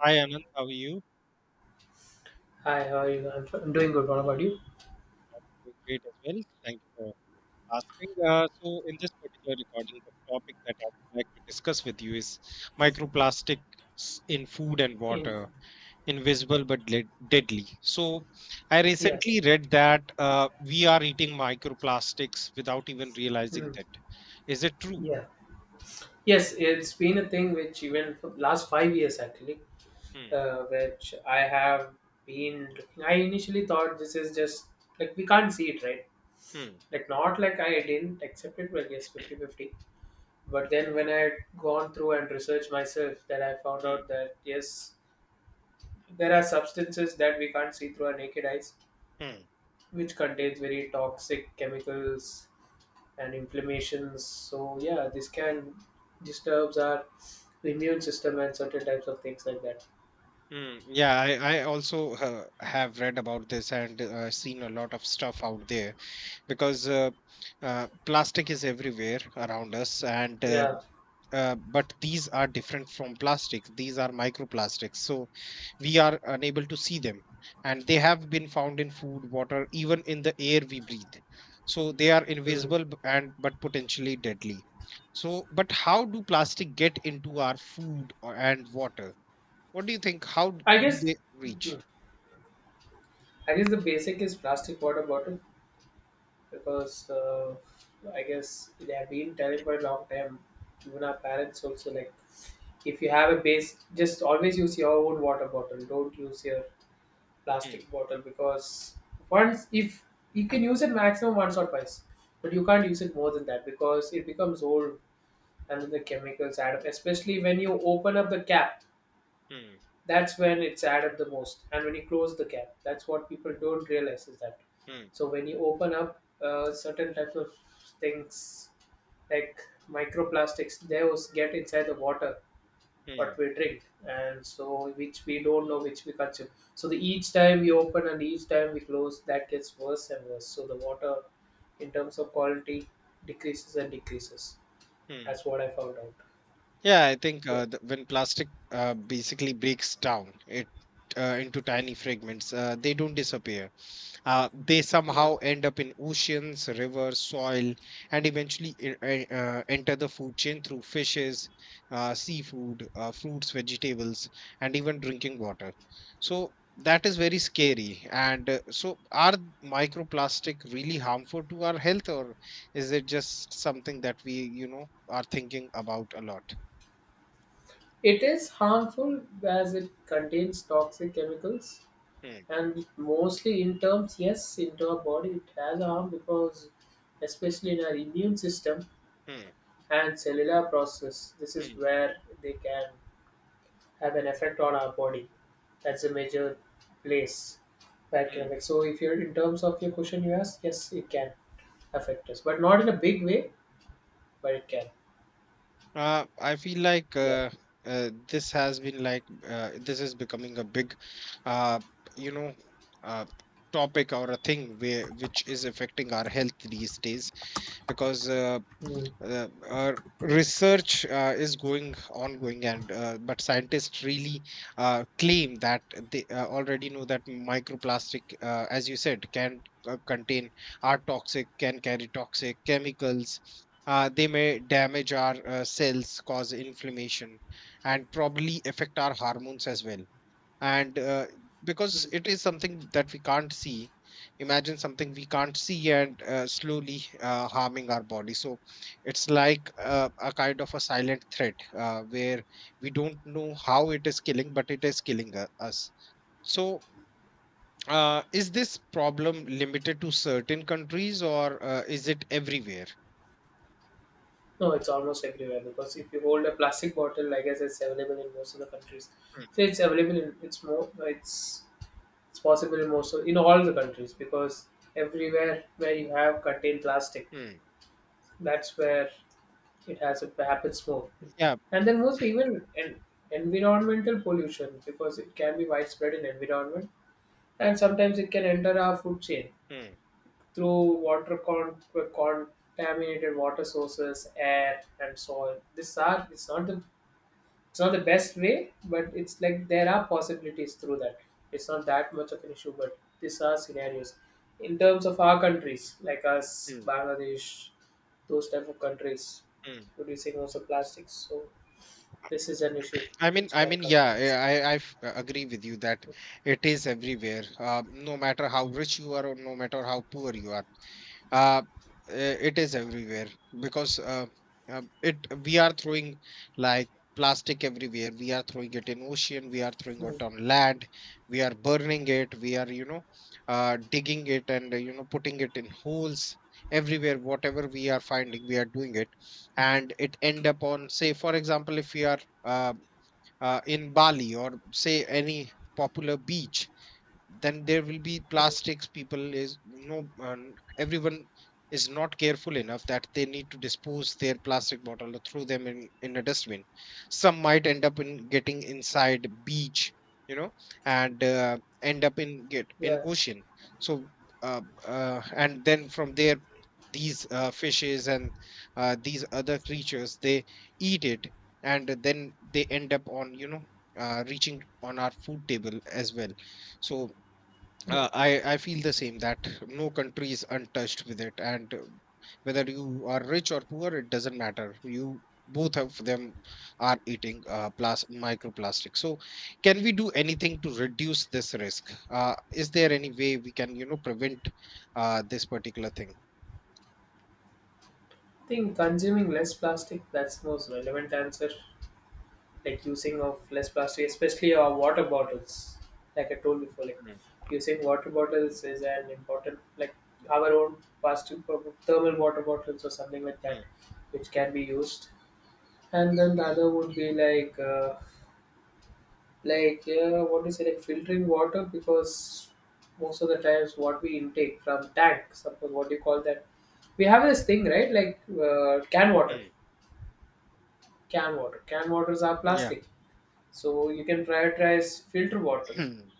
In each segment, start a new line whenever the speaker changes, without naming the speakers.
Hi, Anand. How are you?
Hi, how are you? I'm doing good. What about you?
Doing great as well. Thank you for asking. So, in this particular recording, the topic that I would like to discuss with you is microplastics in food and
In,
water, invisible but deadly. So, I
yeah,
recently read that we are eating microplastics without even realizing
mm,
that. Is it true?
yeah, yes. It's been a thing which even for last 5 years actually,
Hmm.
which I have been looking. I initially thought this is just like we can't see it, right?
Hmm.
Like not like I didn't accept it. Well, yes, 50-50. But then when I had gone through and researched myself, that I found out
Hmm.
that yes, there are substances that we can't see through our naked eyes,
Hmm.
which contains very toxic chemicals and inflammations. So yeah, this can disturbs our immune system and certain types of things like that.
Mm, yeah, I also have read about this and seen a lot of stuff out there because plastic is everywhere around us and uh,
Yeah.
uh, but these are different from plastic, these are microplastics, so we are unable to see them, and they have been found in food, water, even in the air we breathe, so they are
Mm.
invisible and but potentially deadly. So but how do plastic get into our food and water, what do you think, how
I
do
guess
they reach?
mm, I guess the basic is plastic water bottle because I guess they have been telling for a long time. Even our parents also like if you have a base, just always use your own water bottle. Don't use your
Hmm,
plastic bottle because once if you can use it maximum once or twice, but you can't use it more than that because it becomes old, and the chemicals add up, especially when you open up the cap.
hmm,
That's when it's add up the most, and when you close the cap, that's what people don't realize is that.
hmm,
So when you open up certain types of things like microplastics, they was get inside the water
hmm,
what we drink, and so which we don't know, which we consume. So the each time we open and each time we close, that gets worse and worse, so the water in terms of quality decreases and decreases.
hmm.
That's what I found out.
Yeah, I think
Yeah.
when plastic basically breaks down it, into tiny fragments, they don't disappear. They somehow end up in oceans, rivers, soil, and eventually enter the food chain through fishes, seafood, fruits, vegetables, and even drinking water. So that is very scary. And so, are microplastic really harmful to our health, or is it just something that we, you know, are thinking about a lot?
It is harmful as it contains toxic chemicals,
Hmm.
and mostly in terms, yes, into our body it has harm because especially in our immune system
Hmm,
and cellular process, this is
hmm,
where they can have an effect on our body. That's a major place where it can
hmm.
affect. So if you're in terms of your question you asked, yes, it can affect us. But not in a big way, but it can.
I feel like
Yeah.
this has been like this is becoming a big, uh, you know, uh, topic or a thing where which is affecting our health these days because
Mm.
uh, uh, research is going ongoing, and but scientists really claim that they already know that microplastic, as you said, can contain, are toxic, can carry toxic chemicals. They may damage our cells, cause inflammation, and probably affect our hormones as well. And because it is something that we can't see, imagine something we can't see and slowly harming our body, so it's like a kind of a silent threat where we don't know how it is killing but it is killing us. So is this problem limited to certain countries, or is it everywhere?
No, it's almost everywhere because if you hold a plastic bottle, like I guess it's available in most of the countries.
Hmm,
So it's available in, it's more, it's it's possible in most of, in all the countries because everywhere where you have contained plastic,
hmm,
that's where it has, it happens more.
yeah,
And then mostly even environmental pollution because it can be widespread in environment, and sometimes it can enter our food chain
hmm,
through contaminated water sources, air and soil. This are it's not the It's not the best way, but it's like there are possibilities through that. It's not that much of an issue, but these are scenarios. In terms of our countries, like us,
hmm,
Bangladesh, those type of countries
hmm.
producing also plastics. So this is an issue
I mean,
which
I
can
mean,
come from
yeah,
this.
yeah, I agree with you that it is everywhere. No matter how rich you are or no matter how poor you are, uh, it is everywhere because it, we are throwing like plastic everywhere. We are throwing it in ocean. We are throwing it
Hmm.
on land. We are burning it. We are, you know, digging it, and you know, putting it in holes everywhere. Whatever we are finding, we are doing it, and it end up on, say, for example, if we are uh, in Bali or say any popular beach, then there will be
Hmm.
plastics, people is, you know, everyone is not careful enough that they need to dispose their plastic bottle or throw them in a dustbin, some might end up in getting inside beach, you know, and end up in get in
Yeah.
ocean. So uh, and then from there, these fishes and these other creatures, they eat it, and then they end up on, you know, reaching on our food table as well. So
Hmm. I
I feel the same that no country is untouched with it, and whether you are rich or poor, it doesn't matter. You, both of them, are eating microplastic. So, can we do anything to reduce this risk? Is there any way we can, you know, prevent this particular thing?
think consuming less plastic, that's the most relevant answer. Like using of less plastic, especially our water bottles. Like I told before, like
Mm,
using water bottles is an important, like our own plastic thermal water bottles or something like
mm,
that, which can be used. And then the other would be like yeah, what do you say, like filtering water because most of the times what we intake from tank, something, what do you call that? We have this thing, right? Like can water,
mm.
can waters are
Yeah.
plastic, so you can prioritize filter water.
Hmm,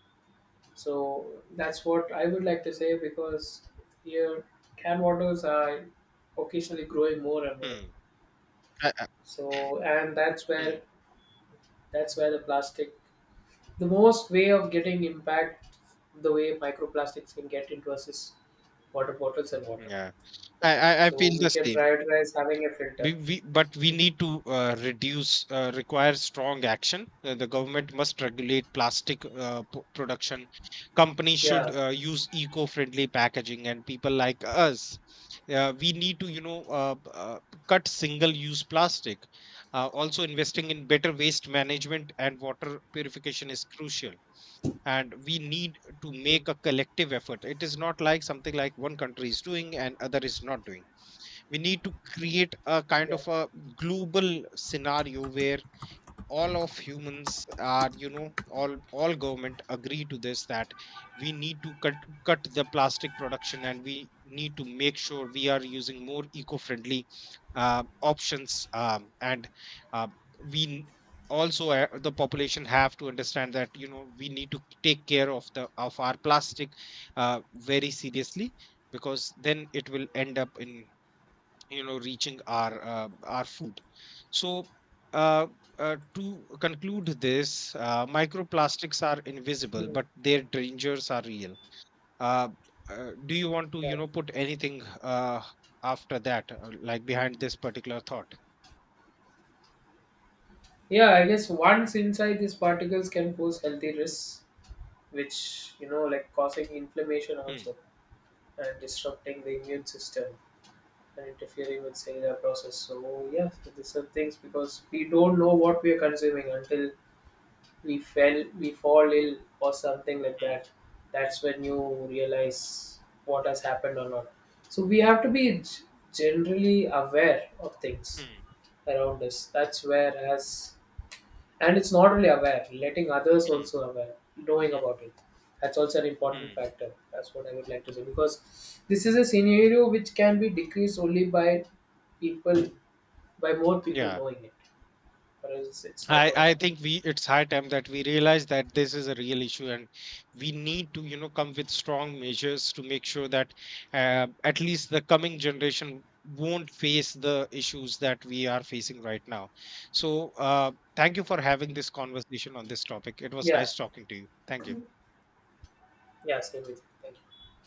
So that's what I would like to say because here canned waters are occasionally growing more and more.
hmm. I- I-
So and that's
hmm.
where, that's where the plastic, the most way of getting impact, the way microplastics can get into us is water bottles and water.
Yeah. I
So
feel
we
the
can
same.
prioritize having a filter.
We but we
Mm.
need to reduce, require strong action. The government must regulate plastic production, companies should
Yeah.
use eco-friendly packaging, and people like us, we need to, you know, cut single-use plastic. Uh, also investing in better waste management and water purification is crucial, and we need to
Mm.
make a collective effort. It is not like something like one country is doing and other is not doing. We need to create a kind
Yeah.
of a global scenario where all of humans are, you know, all government agree to this that we need to cut the plastic production, and we need to make sure we are using more eco-friendly options, and uh, we n- also the population have to understand that, you know, we need to take care of the of our plastic uh, very seriously, because then it will end up in, you know, reaching our food. So uh, to conclude this, microplastics are invisible
Mm.
but their dangers are real. uh, do you want to,
Yeah.
you know, put anything after that, like behind this particular thought?
Yeah, I guess once inside, these particles can pose healthy risks, which, you know, like causing inflammation
Hmm,
also, and disrupting the immune system, and interfering with cellular process. So yes, these are things because we don't know what we are consuming until we fall ill or something like
hmm,
that. That's when you realize what has happened or not. So we have to be generally aware of things
hmm,
around us. That's where as, and it's not only aware, letting others
hmm,
also aware, knowing
hmm,
about it. That's also an important
hmm.
factor. That's what I would like to say because this is a scenario which can be decreased only by people, by more people
Yeah.
knowing it. Or else it's not
I,
going to
I
happen.
think we, it's high time that we realize that this is a real issue, and we need to, you know, come with strong measures to make sure that, at least the coming generation won't face the issues that we are facing right now. So thank you for having this conversation on this topic. It was
Yeah,
nice talking to you. Thank you.
yeah, same with you. Thank you.